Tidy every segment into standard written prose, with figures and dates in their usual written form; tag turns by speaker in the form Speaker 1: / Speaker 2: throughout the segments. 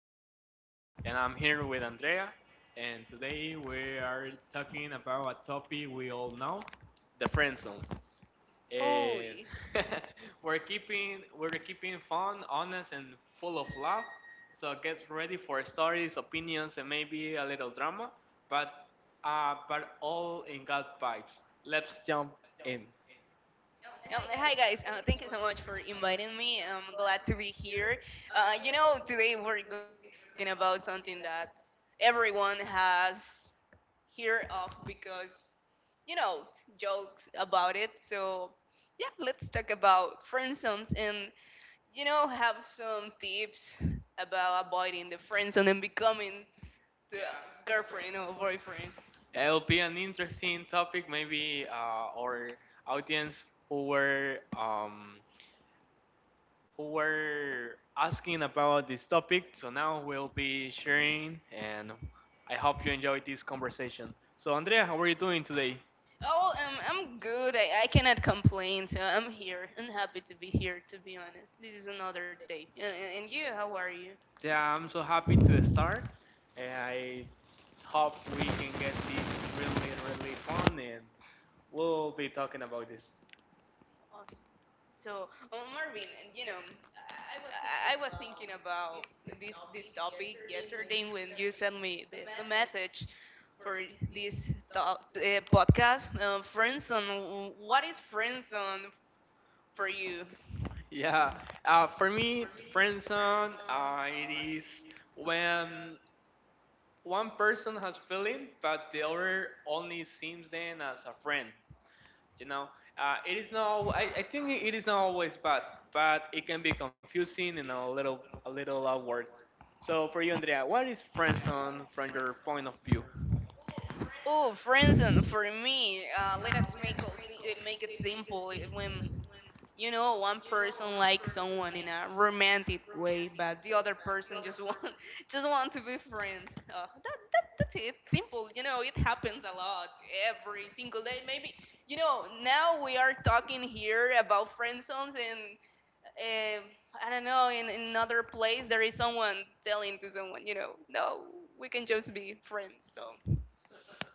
Speaker 1: podcast. And I'm here with Andrea. And today we are talking about a topic we all know, the friend zone.
Speaker 2: Oh,
Speaker 1: And we're keeping fun, honest, and full of love. So get ready for stories, opinions, and maybe a little drama, but but all in God vibes. Let's jump in.
Speaker 2: hi guys. Thank you so much for inviting me. I'm glad to be here. Today we're going to talking about something that everyone has heard of because you know jokes about it. So yeah, let's talk about friend zones and have some tips about avoiding the friend zone and becoming the girlfriend or boyfriend.
Speaker 1: Yeah, it'll be an interesting topic, maybe our audience who were asking about this topic. So now we'll be sharing, and I hope you enjoyed this conversation. So Andrea, how are you doing today?
Speaker 2: Oh, I'm good. I cannot complain. So I'm here. I'm happy to be here, to be honest. This is another day. And you, how are you?
Speaker 1: Yeah, I'm so happy to start, and I hope we can get this really fun, and we'll be talking about this.
Speaker 2: Awesome. So, oh, Marvin, and I was thinking about this topic yesterday when you sent me the message for this talk, podcast. Friends, what is friends for you?
Speaker 1: Yeah, for me, friend zone, it is when one person has feeling, but the other only sees them as a friend. You know, it is not. I think it is not always bad, but it can be confusing and a little awkward. So for you, Andrea, what is friend zone from your point of view?
Speaker 2: Oh, friends, for me, let us make it simple. When one person likes someone in a romantic way, but the other person just want just want to be friends. That's it. Simple. It happens a lot every single day. Maybe now we are talking here about friend zones, and uh, I don't know in, another place there is someone telling to someone, no, we can just be friends. So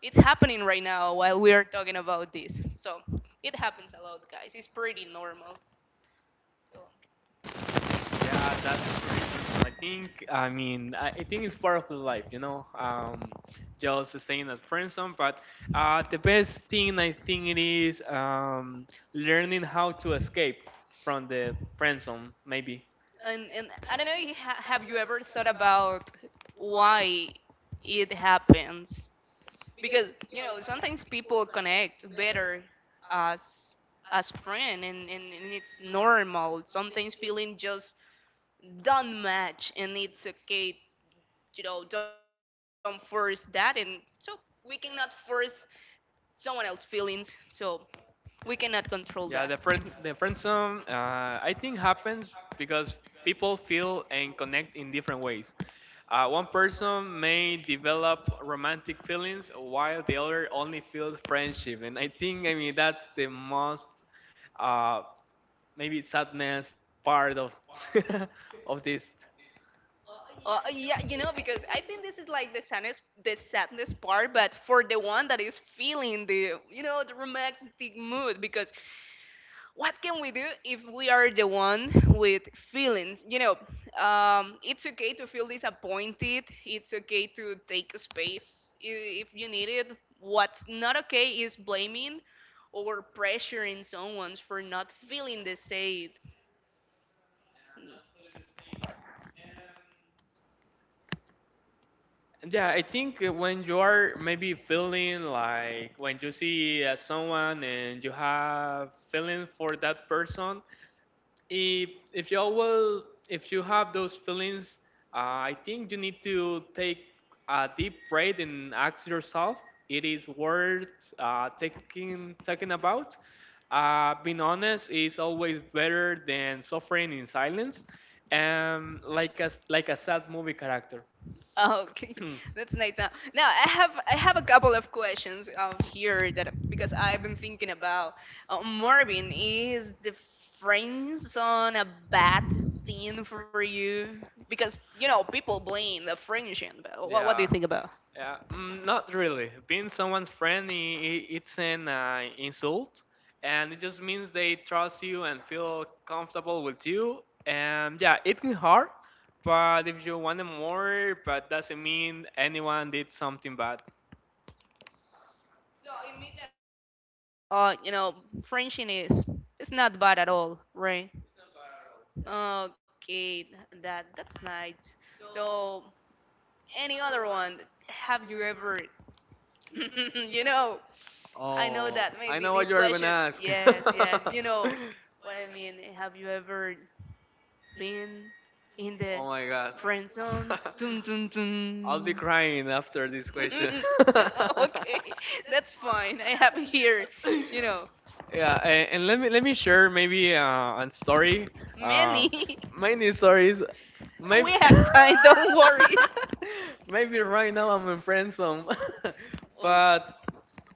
Speaker 2: it's happening right now while we are talking about this. So it happens a lot, guys. It's pretty normal. So.
Speaker 1: Yeah, that's pretty interesting. I think, I mean, I think it's part of the life, you know, just staying at friend zone. But the best thing I think it is learning how to escape from the friend zone, maybe.
Speaker 2: And I don't know, have you ever thought about why it happens? Because, sometimes people connect better as as friend and it's normal. Sometimes feeling just don't match and it's okay, don't force that and so we cannot force someone else's feelings, so we cannot control that.
Speaker 1: Yeah, the friend zone, I think happens because people feel and connect in different ways. One person may develop romantic feelings while the other only feels friendship, and I think I mean that's the most uh, maybe sadness part of of this.
Speaker 2: Yeah, because I think this is like the sadness part, but for the one that is feeling the romantic mood, because what can we do if we are the one with feelings? It's okay to feel disappointed. It's okay to take a space if you need it. What's not okay is blaming or pressuring someone for not feeling the same.
Speaker 1: Yeah, I think when you are maybe feeling like when you see someone and you have feeling for that person, if if you will if you have those feelings I think you need to take a deep breath and ask yourself it is worth taking talking about being honest is always better than suffering in silence and like a sad movie character.
Speaker 2: Okay, that's nice. Now I have a couple of questions of here that because I've been thinking about Morbin, is the friends on a bad thing for you because people blame the friendship. But what do
Speaker 1: Yeah.
Speaker 2: you think about?
Speaker 1: Yeah, mm, not really. Being someone's friend, it's an insult, and it just means they trust you and feel comfortable with you. And yeah, it can hurt, but if you want more, but doesn't mean anyone did something bad.
Speaker 2: Uh, you know, friendship is it's not bad at all, right? Okay, that's nice. So any other one? Have you ever, you know? I know that maybe this question. Yes, yes. You know what I mean. Have you ever been in the
Speaker 1: Oh my god.
Speaker 2: friend zone? Dun, dun,
Speaker 1: I'll be
Speaker 2: dun.
Speaker 1: crying after this question.
Speaker 2: Okay, that's fine. I have here, you know,
Speaker 1: Yeah, and let me share maybe a story. Uh,
Speaker 2: many.
Speaker 1: Many stories.
Speaker 2: We
Speaker 1: Maybe
Speaker 2: have time. Don't worry.
Speaker 1: maybe right now I'm in friend zone,
Speaker 2: Oh.
Speaker 1: but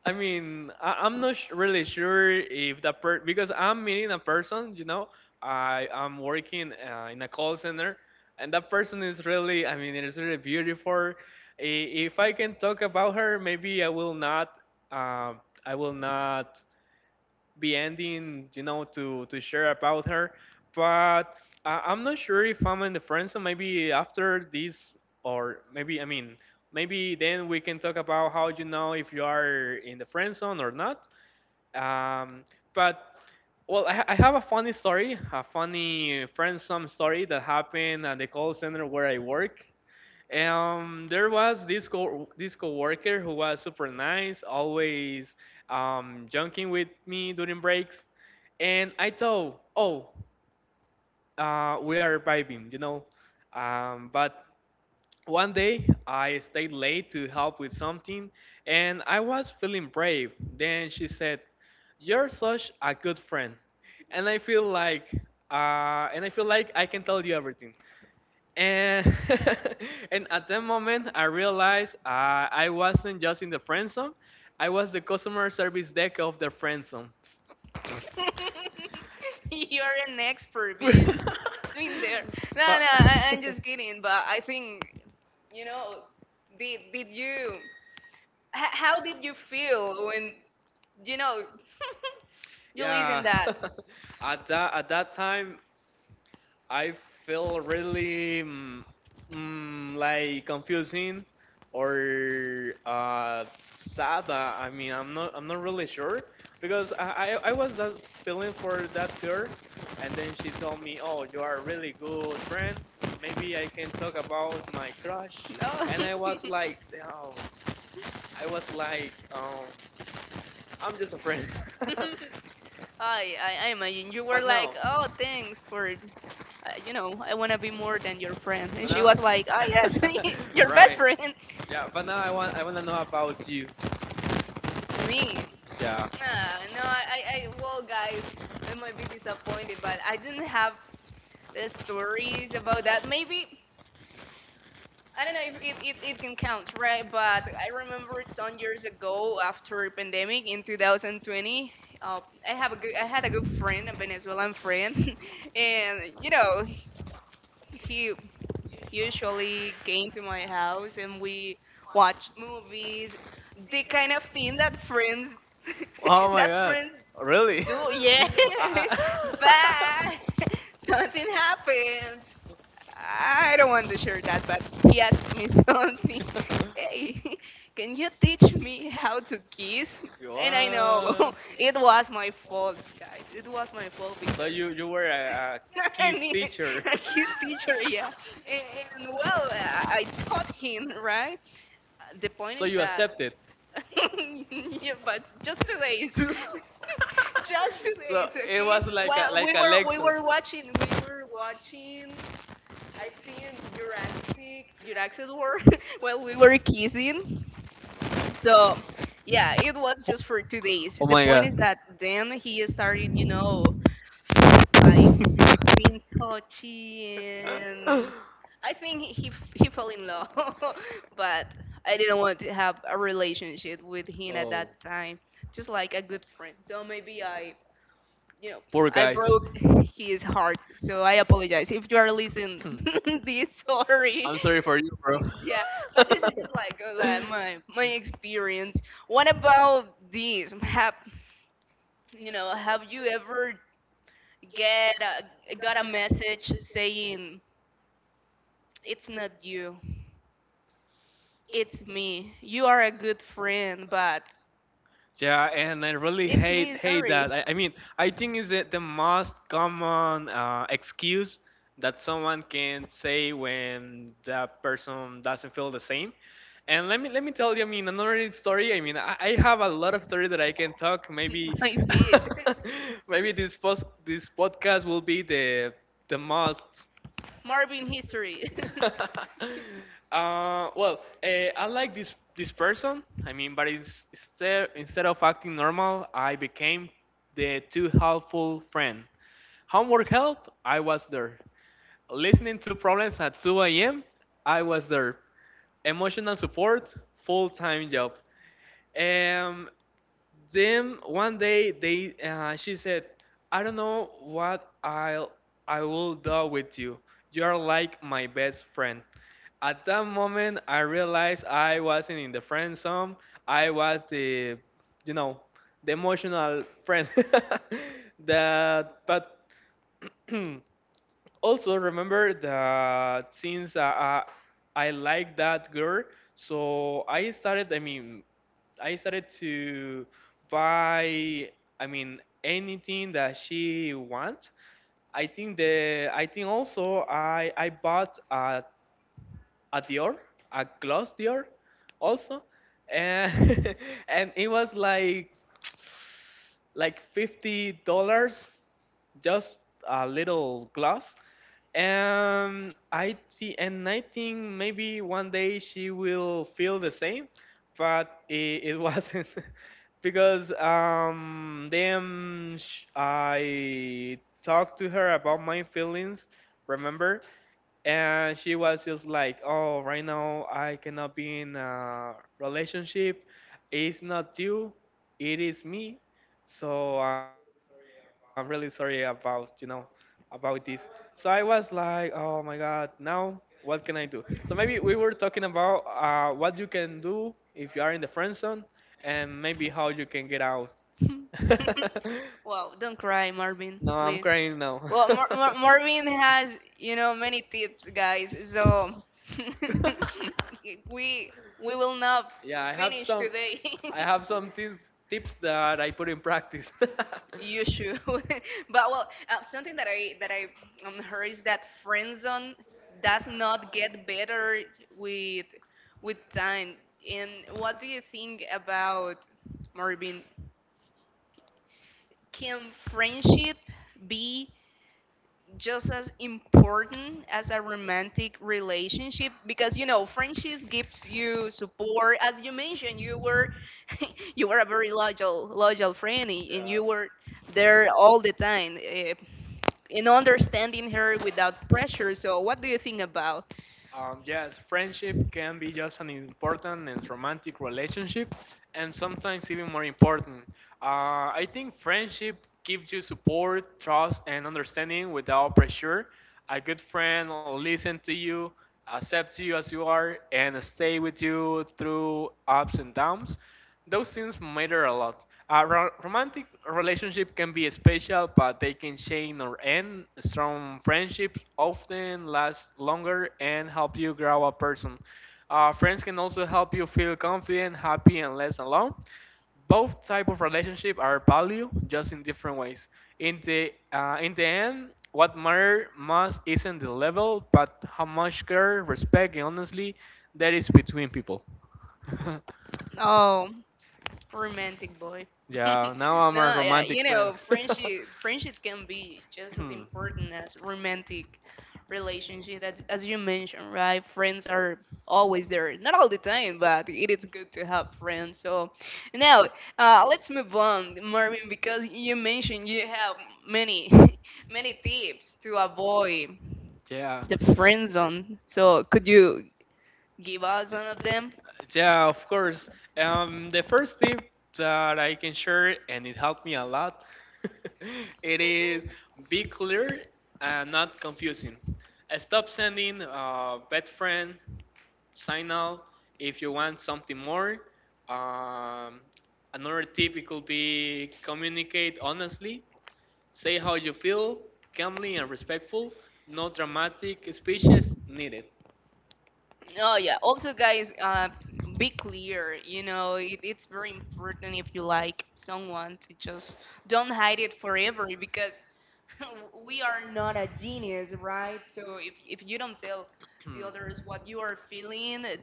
Speaker 1: I mean, I'm not really sure if that per because I'm meeting a person, you know, I'm working in a call center, and that person is really, I mean, it is really beautiful. I- If I can talk about her, maybe uh, I will not be ending, you know, to share about her. But I'm not sure if I'm in the friend zone. Maybe after this, or maybe I mean, maybe then we can talk about how you know if you are in the friend zone or not. Um, but well, I have a funny story, a funny friend zone story that happened at the call center where I work. There was this coworker who was super nice, always joking with me during breaks, and I thought, oh, we are vibing, you know. But one day I stayed late to help with something, and I was feeling brave. Then she said, "You're such a good friend," and I feel like, and I feel like I can tell you everything. And and at that moment, I realized I wasn't just in the friend zone; I was the customer service deck of the friend zone.
Speaker 2: You're an expert being in there. No,
Speaker 1: But
Speaker 2: no, I'm just kidding. But I think you know. Did you? How did you feel when you know you
Speaker 1: yeah,
Speaker 2: listen that?
Speaker 1: at that time, I feel really mm, mm, like confusing or sad. I mean, I'm not really sure because I was just feeling for that girl, and then she told me, "Oh, you are a really good friend. Maybe I can talk about my crush."
Speaker 2: No.
Speaker 1: And I was like, "Oh, I was like, I'm just a friend."
Speaker 2: I imagine you were
Speaker 1: But
Speaker 2: like,
Speaker 1: no,
Speaker 2: oh, thanks for, I want to be more than your friend. And
Speaker 1: but
Speaker 2: she
Speaker 1: now,
Speaker 2: was like, ah, yes, your best
Speaker 1: right?
Speaker 2: friend.
Speaker 1: Yeah, but now I want to know about you.
Speaker 2: Me.
Speaker 1: Yeah.
Speaker 2: No, well, guys, I might be disappointed, but I didn't have stories about that. Maybe I don't know if it can count, right? But I remember some years ago after pandemic in 2020, uh, I had a good friend, a Venezuelan friend, and he usually came to my house and we watched movies, the kind of thing that friends
Speaker 1: Oh my
Speaker 2: that
Speaker 1: god.
Speaker 2: friends
Speaker 1: Really?
Speaker 2: do, yeah.
Speaker 1: I- I-
Speaker 2: But something happened, I don't want to share that, but he asked me something. Hey, can you teach me how to kiss? And I know
Speaker 1: What?
Speaker 2: it was my fault, guys. It was my fault
Speaker 1: So
Speaker 2: because
Speaker 1: you were a
Speaker 2: I
Speaker 1: kids
Speaker 2: need
Speaker 1: teacher.
Speaker 2: a kiss teacher, yeah. And, and well, I taught him, right? The point
Speaker 1: So
Speaker 2: is
Speaker 1: you
Speaker 2: that,
Speaker 1: accepted.
Speaker 2: yeah, but just 2 days just two
Speaker 1: So
Speaker 2: days
Speaker 1: it
Speaker 2: okay,
Speaker 1: was like
Speaker 2: well,
Speaker 1: a
Speaker 2: we
Speaker 1: like a
Speaker 2: were we
Speaker 1: Lex. Oh,
Speaker 2: were watching we were watching I think Jurassic World while we were kissing. So yeah, it was just for 2 days.
Speaker 1: oh
Speaker 2: The
Speaker 1: my
Speaker 2: point is
Speaker 1: god.
Speaker 2: that then he started, like being touchy and I think he fell in love, but I didn't want to have a relationship with him at
Speaker 1: Oh.
Speaker 2: that time, just like a good friend. So maybe you know,
Speaker 1: Poor
Speaker 2: I
Speaker 1: guy.
Speaker 2: broke his heart. So I apologize if you are listening this. Sorry.
Speaker 1: I'm sorry for you, bro.
Speaker 2: Yeah, but this is just like my experience. What about this? Have you know? Have you ever get got a message saying it's not you, it's me. You are a good friend, but
Speaker 1: Yeah, and I really
Speaker 2: it's me.
Speaker 1: hate
Speaker 2: Sorry,
Speaker 1: that. I mean, I think is it the most common excuse that someone can say when that person doesn't feel the same. And let me tell you, I mean, another story. I mean, I have a lot of story that I can talk. Maybe,
Speaker 2: I see it.
Speaker 1: maybe this post this podcast will be the most
Speaker 2: Marvin history.
Speaker 1: well, I like this person. I mean, but it's, instead of acting normal, I became the too helpful friend. Homework help, I was there. Listening to problems at 2 a.m., I was there. Emotional support, full time job. Um, then one day they she said, "I don't know what I will do with you. You are like my best friend." At that moment, I realized I wasn't in the friend zone. I was the, you know, the emotional friend. That, but also remember that since I like that girl, so I started. I mean, I started to buy, I mean, anything that she wants. I think the, I think also I bought a Dior, a gloss Dior, also, and and it was like $50, just a little gloss, I see, and I think maybe one day she will feel the same, but it wasn't because then sh I talked to her about my feelings, remember? And she was just like, "Oh, right now I cannot be in a relationship. It's not you, it is me. So I'm really sorry about, you know." About this. So I was like, oh my God, now what can I do? So maybe we were talking about what you can do if you are in the friend zone and maybe how you can get out.
Speaker 2: Well, don't cry, Marvin,
Speaker 1: No, I'm
Speaker 2: please.
Speaker 1: crying now.
Speaker 2: Well, Marvin has, many tips, guys. So we we will not
Speaker 1: Yeah,
Speaker 2: finish today.
Speaker 1: I have some tips that I put in practice.
Speaker 2: You should. But well, something that I heard is that friend zone does not get better with time. And what do you think about, Marvin? Can friendship be just as important as a romantic relationship because friendships gives you support, as you mentioned, you were you were a very loyal friend and
Speaker 1: Yeah.
Speaker 2: you were there all the time, in understanding her without pressure. So what do you think about,
Speaker 1: Yes, friendship can be just an important and romantic relationship, and sometimes even more important. I think friendship gives you support, trust, and understanding without pressure. A good friend will listen to you, accept you as you are, and stay with you through ups and downs. Those things matter a lot. A romantic relationship can be special, but they can change or end. Strong friendships often last longer and help you grow a person. Friends can also help you feel confident, happy, and less alone. Both type of relationship are value, just in different ways. In the in the end, what matter most isn't the level, but how much care, respect, and honestly there is between people.
Speaker 2: oh romantic boy?
Speaker 1: Yeah, now I'm a
Speaker 2: No, yeah,
Speaker 1: romantic friend.
Speaker 2: friendship can be just as important as romantic relationship. That's as you mentioned, right? Friends are always there, not all the time, but it is good to have friends. So now, let's move on, Marvin, because you mentioned you have many many tips to avoid
Speaker 1: Yeah,
Speaker 2: the friend zone. So could you give us one of them?
Speaker 1: yeah, of course. The first tip that I can share, and it helped me a lot, it is be clear and not confusing. Stop sending bad friend signal if you want something more. Um, Another tip it could be communicate honestly. Say how you feel, calmly and respectful, no dramatic speeches needed.
Speaker 2: Oh yeah. Also, guys, be clear. It's very important if you like someone to just don't hide it forever because we are not a genius, right? So if you don't tell the others what you are feeling,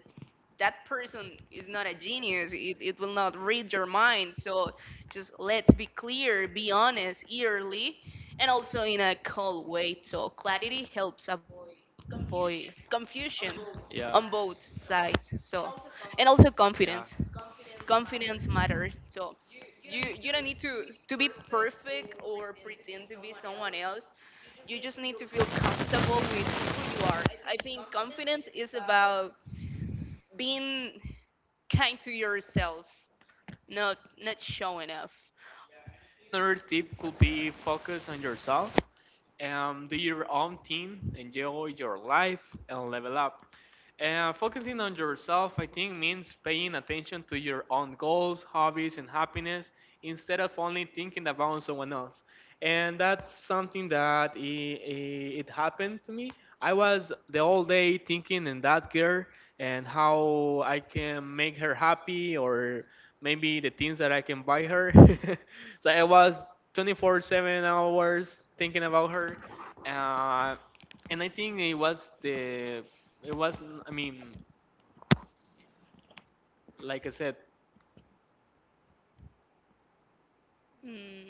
Speaker 2: that person is not a genius. It will not read your mind. So just let's be clear, be honest, early, and also in a cold way. So clarity helps avoid confusion on
Speaker 1: Yeah.
Speaker 2: both sides. So and also
Speaker 1: Yeah.
Speaker 2: confidence matters. So you don't need to be perfect or pretend to be someone else. You just need to feel comfortable with who you are. I think confidence is about being kind to yourself, not showing off.
Speaker 1: Another tip could be focus on yourself. Do your own thing, enjoy your life, and level up. Focusing on yourself, I think, means paying attention to your own goals, hobbies, and happiness instead of only thinking about someone else. And that's something that I it happened to me. I was the whole day thinking in that girl and how I can make her happy or maybe the things that I can buy her. So I was 24/7 hours thinking about her. Uh, and I think it was the, it was, I mean, like I said,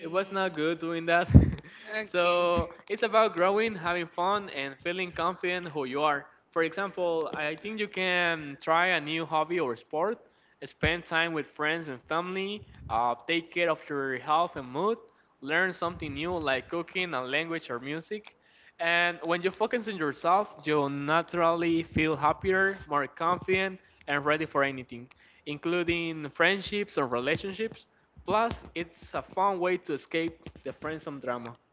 Speaker 1: it was not good doing that.
Speaker 2: okay.
Speaker 1: So it's about growing, having fun, and feeling confident who you are. For example, I think you can try a new hobby or sport, spend time with friends and family, take care of your health and mood, learn something new like cooking, a language, or music. And when you focus on yourself, you'll naturally feel happier, more confident, and ready for anything, including friendships or relationships. Plus, it's a fun way to escape the friendsome drama.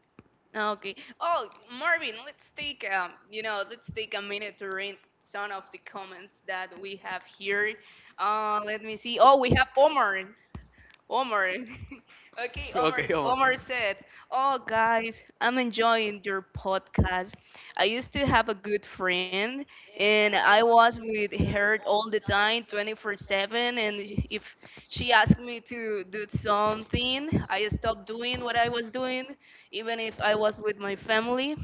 Speaker 2: Okay. Oh, Marvin, let's take a minute to read some of the comments that we have here. Let me see. Oh, we have Omar. Omar. Okay, Omar.
Speaker 1: Okay, come on.
Speaker 2: Omar said, "Oh, guys, I'm enjoying your podcast. I used to have a good friend, and I was with her all the time, 24/7. And if she asked me to do something, I stopped doing what I was doing, even if I was with my family.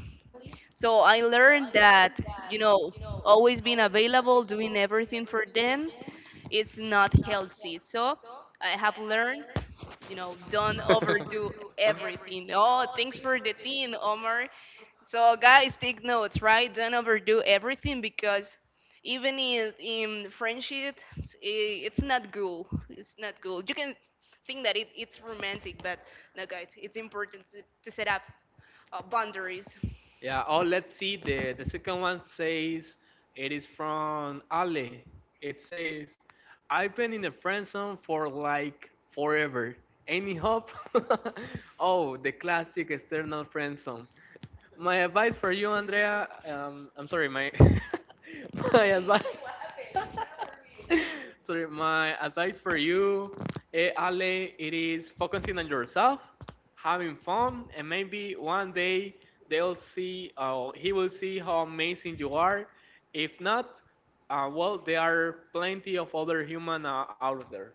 Speaker 2: So I learned that." Always being available doing everything for them, it's not healthy. So I have learned, don't overdo everything. Oh, thanks for the thing, Omar. So guys, take notes, right? Don't overdo everything because even in friendship, it's not cool. It's not cool. You can think that it's romantic, but no, guys, it's important to set up boundaries.
Speaker 1: Yeah, oh, let's see. The second one says it is from Ale. It says, I've been in the friend zone for like forever. Any hope? Oh, the classic external friend zone. My advice for you, Andrea. I'm sorry, my my advice. Sorry, my advice for you, Ale, it is focusing on yourself, having fun, and maybe one day they'll see, he will see how amazing you are. If not, well, there are plenty of other human out there.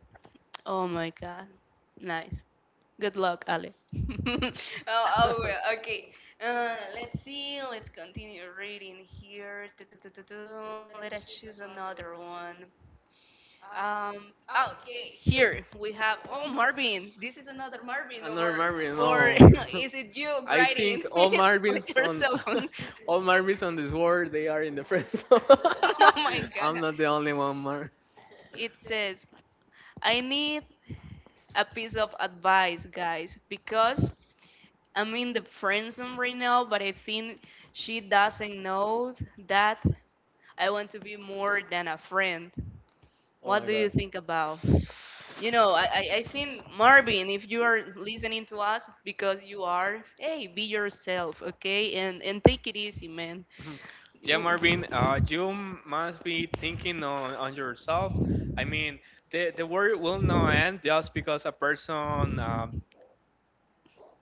Speaker 2: Oh my God, nice. Good luck, Ale. Oh, oh, well, okay. Let's see. Let's continue reading here. Du- du- du- du- du. Let us choose another one. Um. Okay. Here we have. Oh, Marvin. This is another Marvin,
Speaker 1: I'm not
Speaker 2: or
Speaker 1: remembering.
Speaker 2: or
Speaker 1: No,
Speaker 2: is it you
Speaker 1: I
Speaker 2: writing
Speaker 1: think all
Speaker 2: with
Speaker 1: Marvins
Speaker 2: your
Speaker 1: on
Speaker 2: cell phone?
Speaker 1: all Marvins on this world they are in the friend zone.
Speaker 2: Oh my God.
Speaker 1: I'm not the only one, Mar.
Speaker 2: It says, I need a piece of advice, guys, because I'm in the friend zone right now, but I think she doesn't know that I want to be more than a friend.
Speaker 1: Oh
Speaker 2: What
Speaker 1: my
Speaker 2: do you
Speaker 1: God.
Speaker 2: think about? I think, Marvin, if you are listening to us because you are, hey, be yourself, okay? And take it easy, man.
Speaker 1: Mhm. Yeah,
Speaker 2: W-
Speaker 1: Marvin, you must be thinking on yourself. I mean, the world will not end just because a person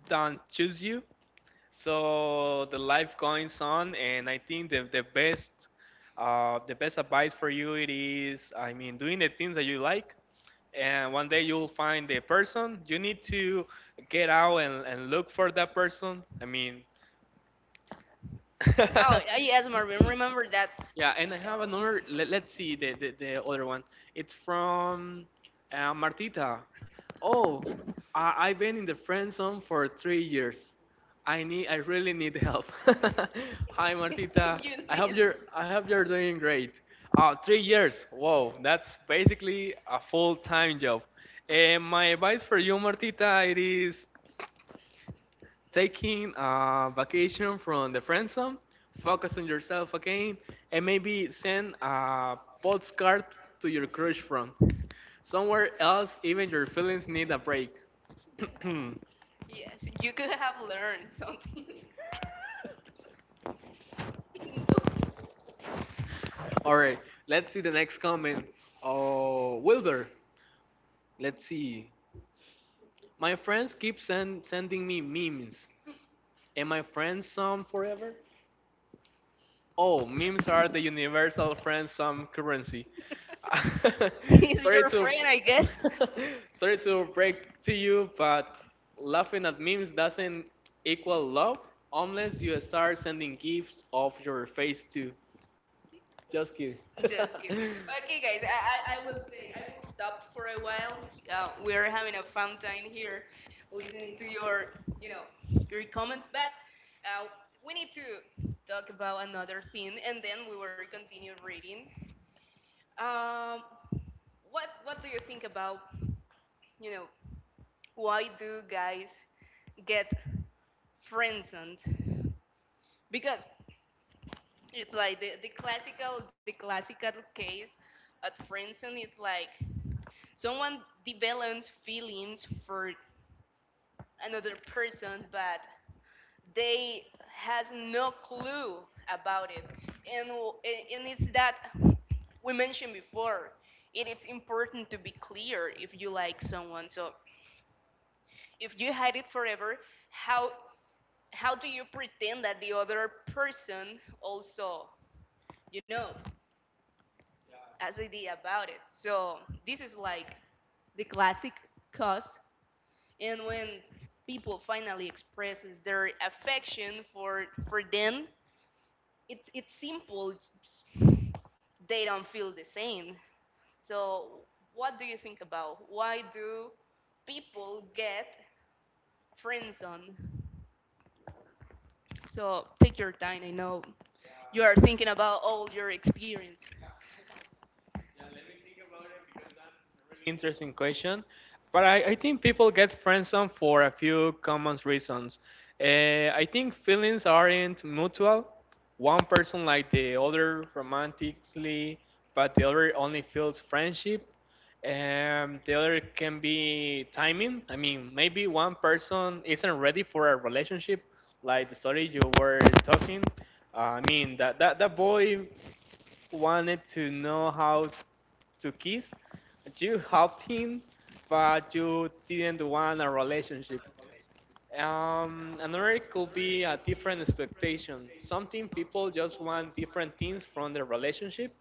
Speaker 1: don't choose you. So the life goes on, and I think the best the best advice for you it is, I mean, doing the things that you like, and one day you'll find the person. You need to get out and look for that person. I mean,
Speaker 2: Oh, yes, Marvin, remember that.
Speaker 1: yeah, and I have another. Let's see the other one. It's from Martita. Oh, I've been in the friend zone for 3 years. I need. I really need help. Hi, Martita.
Speaker 2: You
Speaker 1: I
Speaker 2: need,
Speaker 1: hope you're. I hope you're doing great. 3 years. Whoa, that's basically a full-time job. And my advice for you, Martita, it is taking a vacation from the friend zone, focus on yourself again, and maybe send a postcard to your crush from somewhere else. Even your feelings need a break.
Speaker 2: yes, you could have learned something in those.
Speaker 1: All right, let's see the next comment. Oh, Wilbur, let's see. My friends keep sending me memes. Am I friend some forever? Oh, memes are the universal friend some currency.
Speaker 2: He's
Speaker 1: Sorry
Speaker 2: your
Speaker 1: to
Speaker 2: friend, I guess.
Speaker 1: sorry to break to you, but laughing at memes doesn't equal love unless you start sending gifs of your face too. Just kidding.
Speaker 2: Just kidding. Okay, guys, I will stop for a while. We are having a fun time here listening to your you know your comments, but uh, we need to talk about another thing and then we will continue reading. Um What What do you think about, you know why do guys get friendzoned? Because it's like the classical case at friendzone is like someone develops feelings for another person, but they has no clue about it, and and it's that we mentioned before. It is important to be clear if you like someone. So if you hide it forever, how how do you pretend that the other person also, you know, has an idea about it? So this is like the classic cost. And when people finally expresses their affection for them, it's simple. They don't feel the same. So what do you think about? Why do people get friend zone? So take your time. I know you are thinking about all your experience.
Speaker 1: Interesting question. But I think people get friend zone for a few common reasons. I think feelings aren't mutual. One person like the other romantically, but the other only feels friendship. The other can be timing. I mean, maybe one person isn't ready for a relationship, like the story you were talking. I mean, that boy wanted to know how to kiss. You helped him, but you didn't want a relationship. Another could be a different expectation. Something people just want different things from their relationship.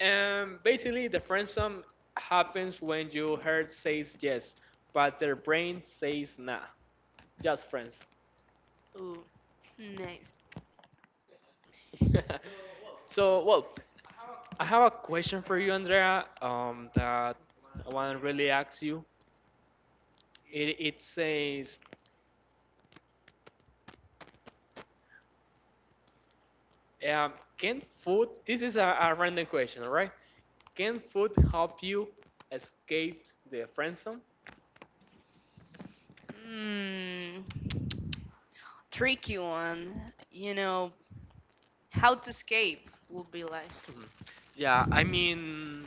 Speaker 1: And basically, the friend happens when your heart says yes, but their brain says nah. Just friends.
Speaker 2: Ooh, nice.
Speaker 1: So, well, I have a question for you, Andrea, that I want to really ask you. It says, um, can food, this is a random question, all right? Can food help you escape the friend zone?
Speaker 2: Mm, tricky one. You know, how to escape would be like.
Speaker 1: Mhm. Yeah, I mean,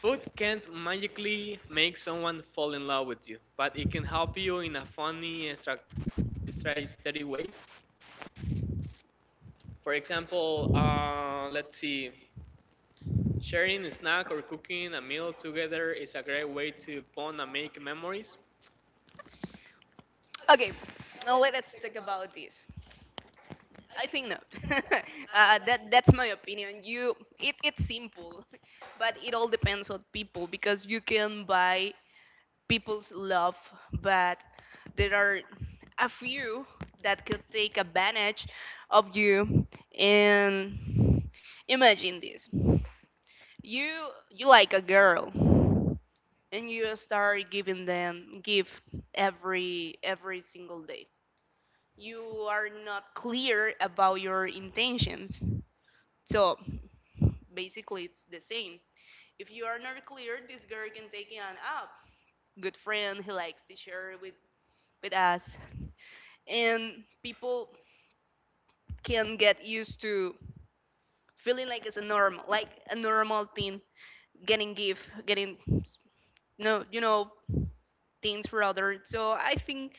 Speaker 1: food can't magically make someone fall in love with you, but it can help you in a funny, strategic way. For example, let's see. Sharing a snack or cooking a meal together is a great way to bond and make memories.
Speaker 2: Okay, now let's talk about this. I think not. That's my opinion. It's simple, but it all depends on people because you can buy people's love, but there are a few that could take advantage of you. And imagine this: you you like a girl, and you start giving them gift every single day. You are not clear about your intentions. So basically, it's the same. If you are not clear, this girl can take an up. Good friend, he likes to share with us, and people can get used to feeling like it's a normal thing, getting gift, getting no, things for others. So I think,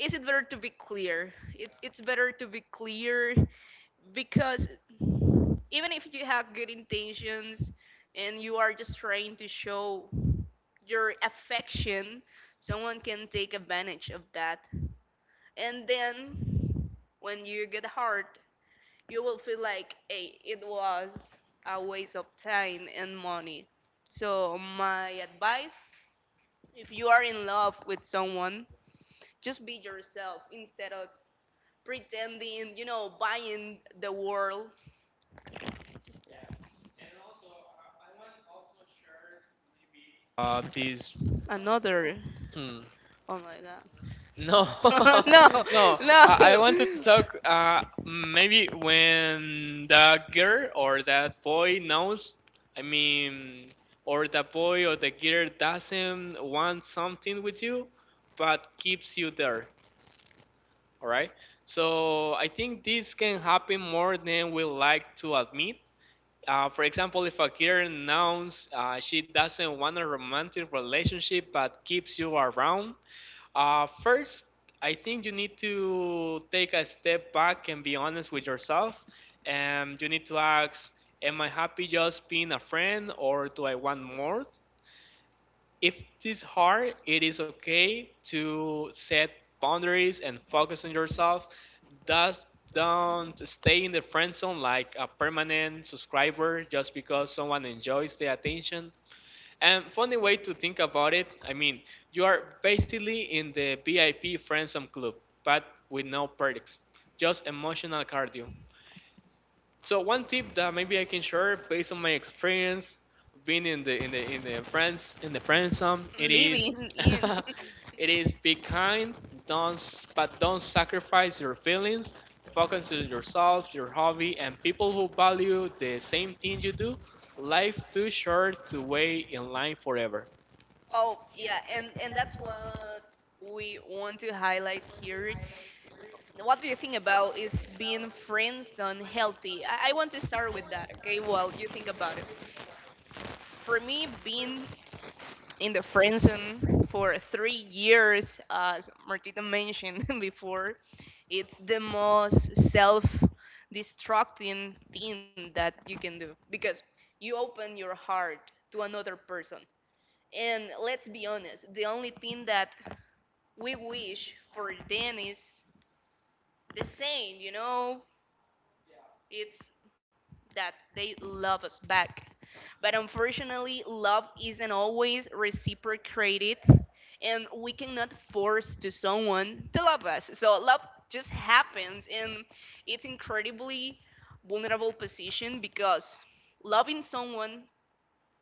Speaker 2: is it better to be clear? It's better to be clear, because even if you have good intentions and you are just trying to show your affection, someone can take advantage of that. And then when you get hurt, you will feel like, hey, it was a waste of time and money. So my advice, if you are in love with someone, just be yourself instead of pretending, buying the world.
Speaker 1: This.
Speaker 2: Another.
Speaker 1: Hmm.
Speaker 2: Oh my
Speaker 1: No,
Speaker 2: god. No,
Speaker 1: no. I
Speaker 2: no.
Speaker 1: want to talk. Maybe when that girl or that boy knows, I mean, or the boy or the girl doesn't want something with you, but keeps you there. All right. So I think this can happen more than we like to admit. For example, if a girl knows she doesn't want a romantic relationship but keeps you around, first, I think you need to take a step back and be honest with yourself. And you need to ask, am I happy just being a friend or do I want more? If it's hard, it is okay to set boundaries and focus on yourself. Does don't stay in the friend zone like a permanent subscriber just because someone enjoys the attention. And funny way to think about it, I mean, you are basically in the VIP friend zone club, but with no perks, just emotional cardio. So one tip that maybe I can share based on my experience being in the friend zone, it is
Speaker 2: Living in.
Speaker 1: it is be kind, don't s- but don't sacrifice your feelings. Focus on yourself, your hobby, and people who value the same thing you do. Life too short to wait in line forever.
Speaker 2: Oh yeah, and that's what we want to highlight here. What do you think about, is being friends on healthy? I want to start with that, okay? Well, you think about it. For me, being in the friend zone for 3 years, as Martita mentioned before, it's the most self destructing thing that you can do, because you open your heart to another person. And let's be honest, the only thing that we wish for them is the same, you know? It's that they love us back. But unfortunately, love isn't always reciprocated, and we cannot force to someone to love us. So love just happens, and it's incredibly vulnerable position, because loving someone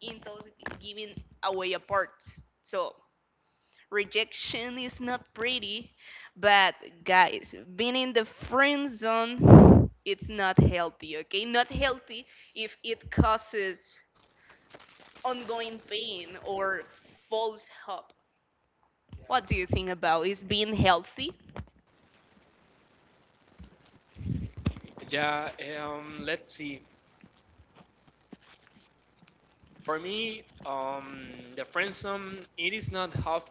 Speaker 2: entails giving away a part. So rejection is not pretty, but guys, being in the friend zone, it's not healthy, okay? Not healthy if it causes ongoing pain or false hope. What do you think about, is being healthy?
Speaker 1: Yeah, let's see. For me, the friend zone it is not half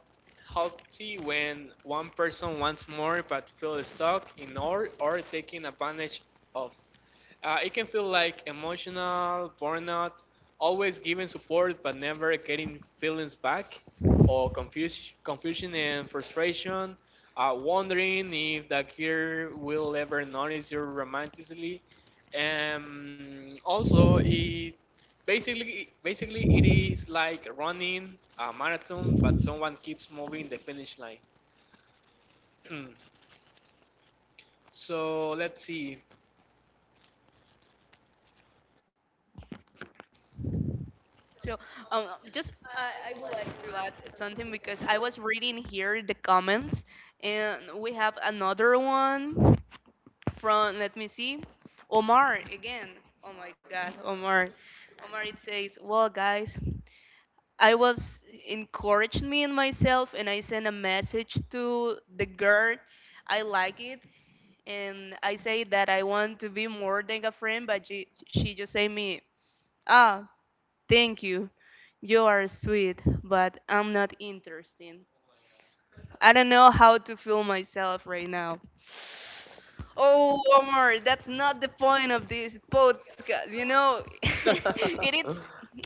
Speaker 1: healthy when one person wants more but feels stuck in or taken advantage of. It can feel like emotional burnout, always giving support but never getting feelings back, or confusion and frustration, wondering if the girl will ever notice you romantically. Also, it basically it is like running a marathon, but someone keeps moving the finish line. So let's see.
Speaker 2: So, um, just I would like to add something, because I was reading here the comments, and we have another one from, let me see, Omar again. Oh my God, Omar! Omar, it says, well, guys, I was encouraging me and myself, and I sent a message to the girl. I like it, and I say that I want to be more than a friend, but she just say me, ah, thank you, you are sweet, but I'm not interested. I don't know how to feel myself right now. Oh, Omar, that's not the point of this podcast. You know, it is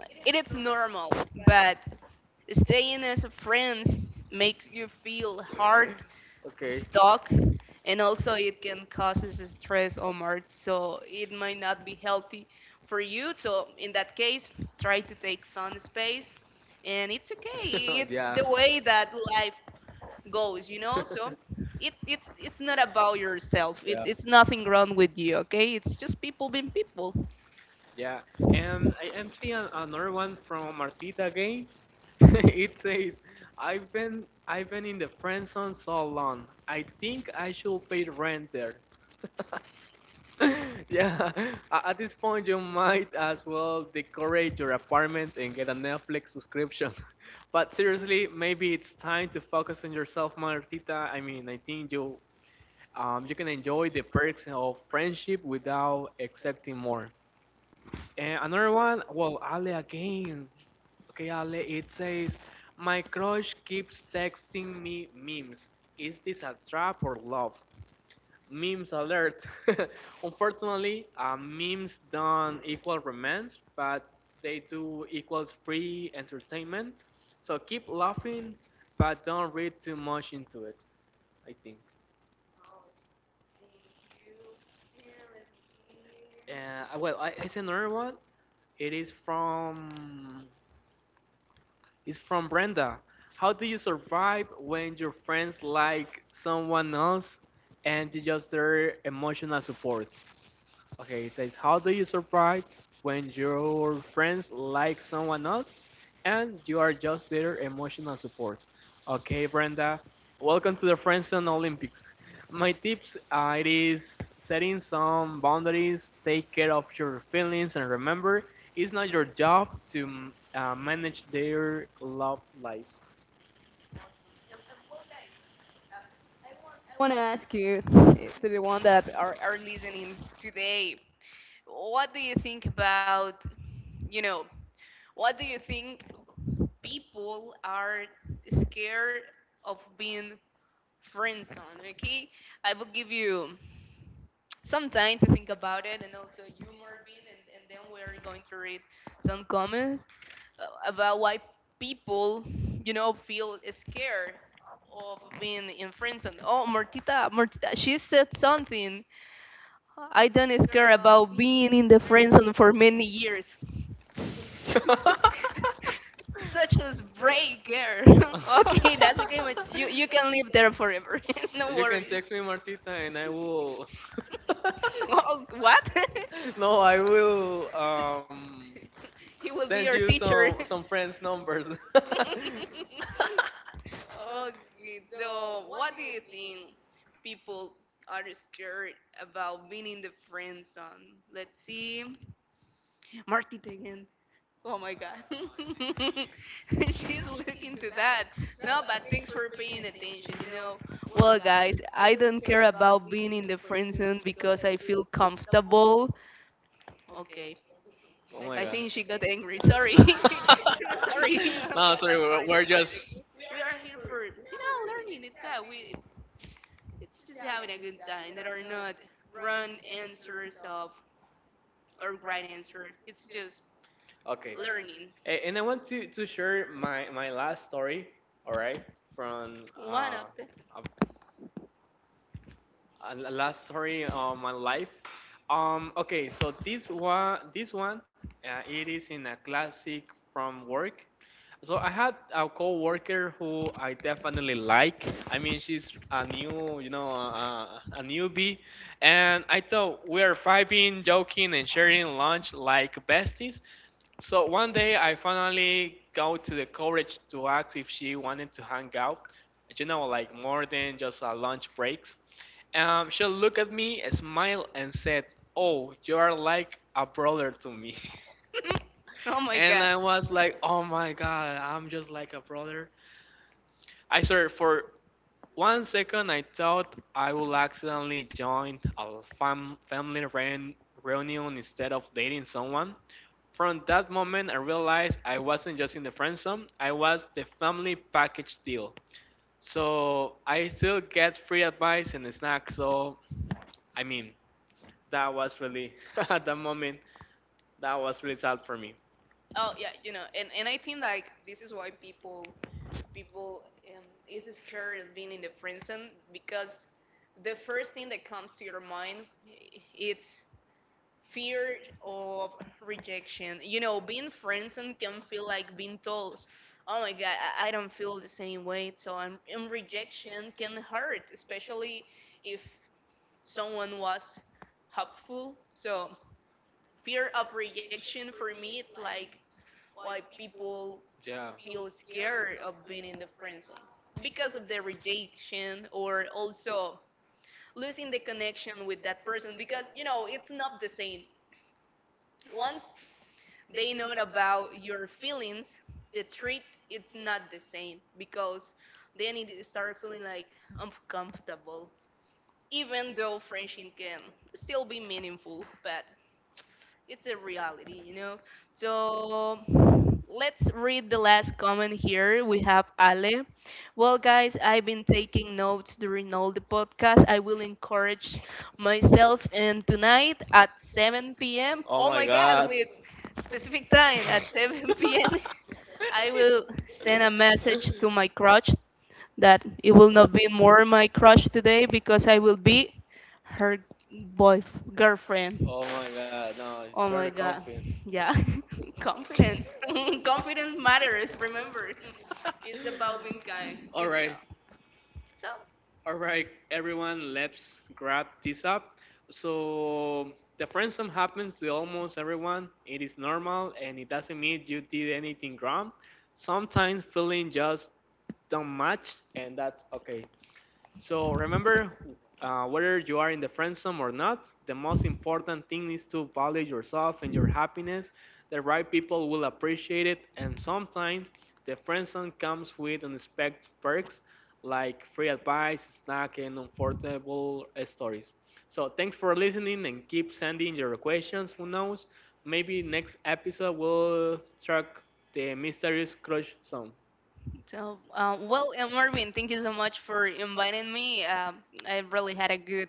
Speaker 2: it is normal, but staying as a friends makes you feel hard, stuck, and also it can cause us stress, Omar. So it might not be healthy for you. So in that case, try to take sun space, and it's okay. It's the way that life goes, you know. So it's not about yourself. It's nothing wrong with you. Okay, it's just people being people.
Speaker 1: Yeah, and I am seeing another one from Martita again. It says, I've been in the friend zone so long. I think I should pay rent there." Yeah, at this point you might as well decorate your apartment and get a Netflix subscription. But seriously, maybe it's time to focus on yourself, Martita. I mean, I think you you can enjoy the perks of friendship without accepting more. And another one, well, Ale again. Okay, Ale, it says, my crush keeps texting me memes. Is this a trap or love? Memes alert. Unfortunately, memes don't equal romance, but they do equals free entertainment. So keep laughing, but don't read too much into it, I think. Well, it's another one. It is from It's from Brenda. How do you survive when your friends like someone else and you just their emotional support? Okay, it says, how do you survive when your friends like someone else and you are just their emotional support? Okay, Brenda, welcome to the Friendzone Olympics. My tips it is setting some boundaries, take care of your feelings, and remember, it's not your job to manage their love life.
Speaker 2: I want to ask you, to the one that are listening today, what do you think about, you know, what do you think people are scared of being friends on? Okay, I will give you some time to think about it, and also you, Marvin, and then we're going to read some comments about why people, you know, feel scared of being in friend zone. Oh, Martita, Martita, she said something. I don't scare about being in the friend zone for many years. Such as Bray Girl. Okay, that's okay, but you can live there forever. No
Speaker 1: You can
Speaker 2: worries.
Speaker 1: text me, Martita, and I will.
Speaker 2: Oh, what?
Speaker 1: No, I will
Speaker 2: He will be
Speaker 1: send
Speaker 2: your
Speaker 1: you
Speaker 2: teacher.
Speaker 1: some friends' numbers. Oh
Speaker 2: Okay, so what do you think people are scared about being in the friend zone? Let's see. Martita again. Oh my God. She's looking to that. No, but thanks for paying attention. You know, well, guys, I don't care about being in the friend zone because I feel comfortable. Okay. I
Speaker 1: my god.
Speaker 2: think she got angry. Sorry. Sorry. Okay,
Speaker 1: No,
Speaker 2: that's
Speaker 1: sorry,
Speaker 2: fine. That's
Speaker 1: we're
Speaker 2: fine.
Speaker 1: just
Speaker 2: Okay. We are here for, you know, learning. It's that. It's just having a good time. There are not wrong answers of or right answer. It's just
Speaker 1: okay.
Speaker 2: learning.
Speaker 1: And I want to share my last story. All right, from
Speaker 2: One of the.
Speaker 1: a, a last story of my life. Okay, so this one it is in a classic from work. So I had a coworker who I definitely like. I mean, she's a new, you know, a newbie, and I thought we are vibing, joking, and sharing lunch like besties. So one day I finally got to the courage to ask if she wanted to hang out. You know, like more than just lunch breaks. She looked at me, smiled, and said, "Oh, you are like a brother to me."
Speaker 2: Oh my
Speaker 1: And
Speaker 2: god.
Speaker 1: I was like, "Oh my God, I'm just like a brother." I swear, for one second, I thought I would accidentally join a family reunion instead of dating someone. From that moment, I realized I wasn't just in the friend zone, I was the family package deal. So I still get free advice and snacks. So, I mean, that was really, at that moment, that was really sad for me.
Speaker 2: Oh yeah, you know, and I think, like, this is why people is scared of being in the friend zone, because the first thing that comes to your mind, it's fear of rejection. You know, being friend zone can feel like being told, "Oh my God, I don't feel the same way," so I'm and rejection can hurt, especially if someone was helpful. So fear of rejection, for me, it's like why people
Speaker 1: Yeah.
Speaker 2: feel scared of being in the friend zone, because of the rejection, or also losing the connection with that person, because you know it's not the same once they know about your feelings. The treat it's not the same, because then it start feeling like uncomfortable, even though friendship can still be meaningful, but it's a reality, you know. So let's read the last comment here. We have Ale. Well, guys, I've been taking notes during all the podcast. I will encourage myself, and tonight at 7 p.m.
Speaker 1: Oh
Speaker 2: Oh
Speaker 1: my
Speaker 2: my God,
Speaker 1: god.
Speaker 2: with specific time at 7 p.m. I will send a message to my crush that it will not be more my crush today, because I will be her boy girlfriend.
Speaker 1: Oh my god, no,
Speaker 2: Oh
Speaker 1: you're the
Speaker 2: my God.
Speaker 1: confident.
Speaker 2: Yeah. Confidence. Confidence matters, remember. It's about being kind.
Speaker 1: All
Speaker 2: Good
Speaker 1: right,
Speaker 2: job. So,
Speaker 1: all right, everyone, let's grab this up. So, the friendsome happens to almost everyone. It is normal and it doesn't mean you did anything wrong. Sometimes feeling just don't match, and that's okay. So remember, whether you are in the friend zone or not, the most important thing is to value yourself and your happiness. The right people will appreciate it, and sometimes the friend zone comes with unexpected perks like free advice, snack, and comfortable stories. So thanks for listening and keep sending your questions. Who knows? Maybe next episode will track the mysterious crush zone.
Speaker 2: So, well, Marvin, thank you so much for inviting me. I really had a good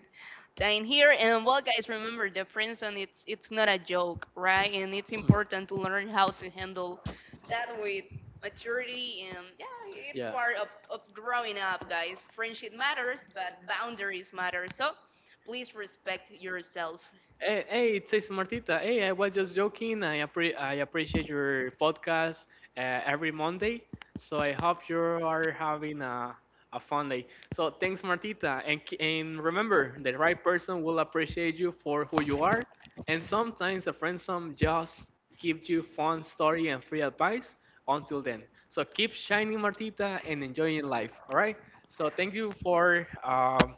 Speaker 2: time here. And well, guys, remember the friend zone. It's not a joke, right? And it's important to learn how to handle that with maturity. And yeah, it's part of growing up, guys. Friendship matters, but boundaries matter. So, please respect yourself.
Speaker 1: Hey, hey, it says Martita. Hey, I was just joking. I appreciate your podcast every Monday. So I hope you are having a fun day. So thanks, Martita. And, and remember, the right person will appreciate you for who you are. And sometimes a friendsome just gives you fun story and free advice. Until then, so keep shining, Martita, and enjoying life. All right. So thank you for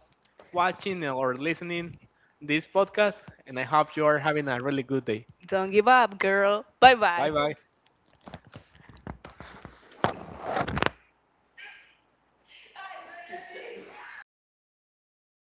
Speaker 1: watching or listening this podcast, and I hope you are having a really good day.
Speaker 2: Don't give up, girl. Bye
Speaker 1: Bye
Speaker 2: bye.
Speaker 1: bye.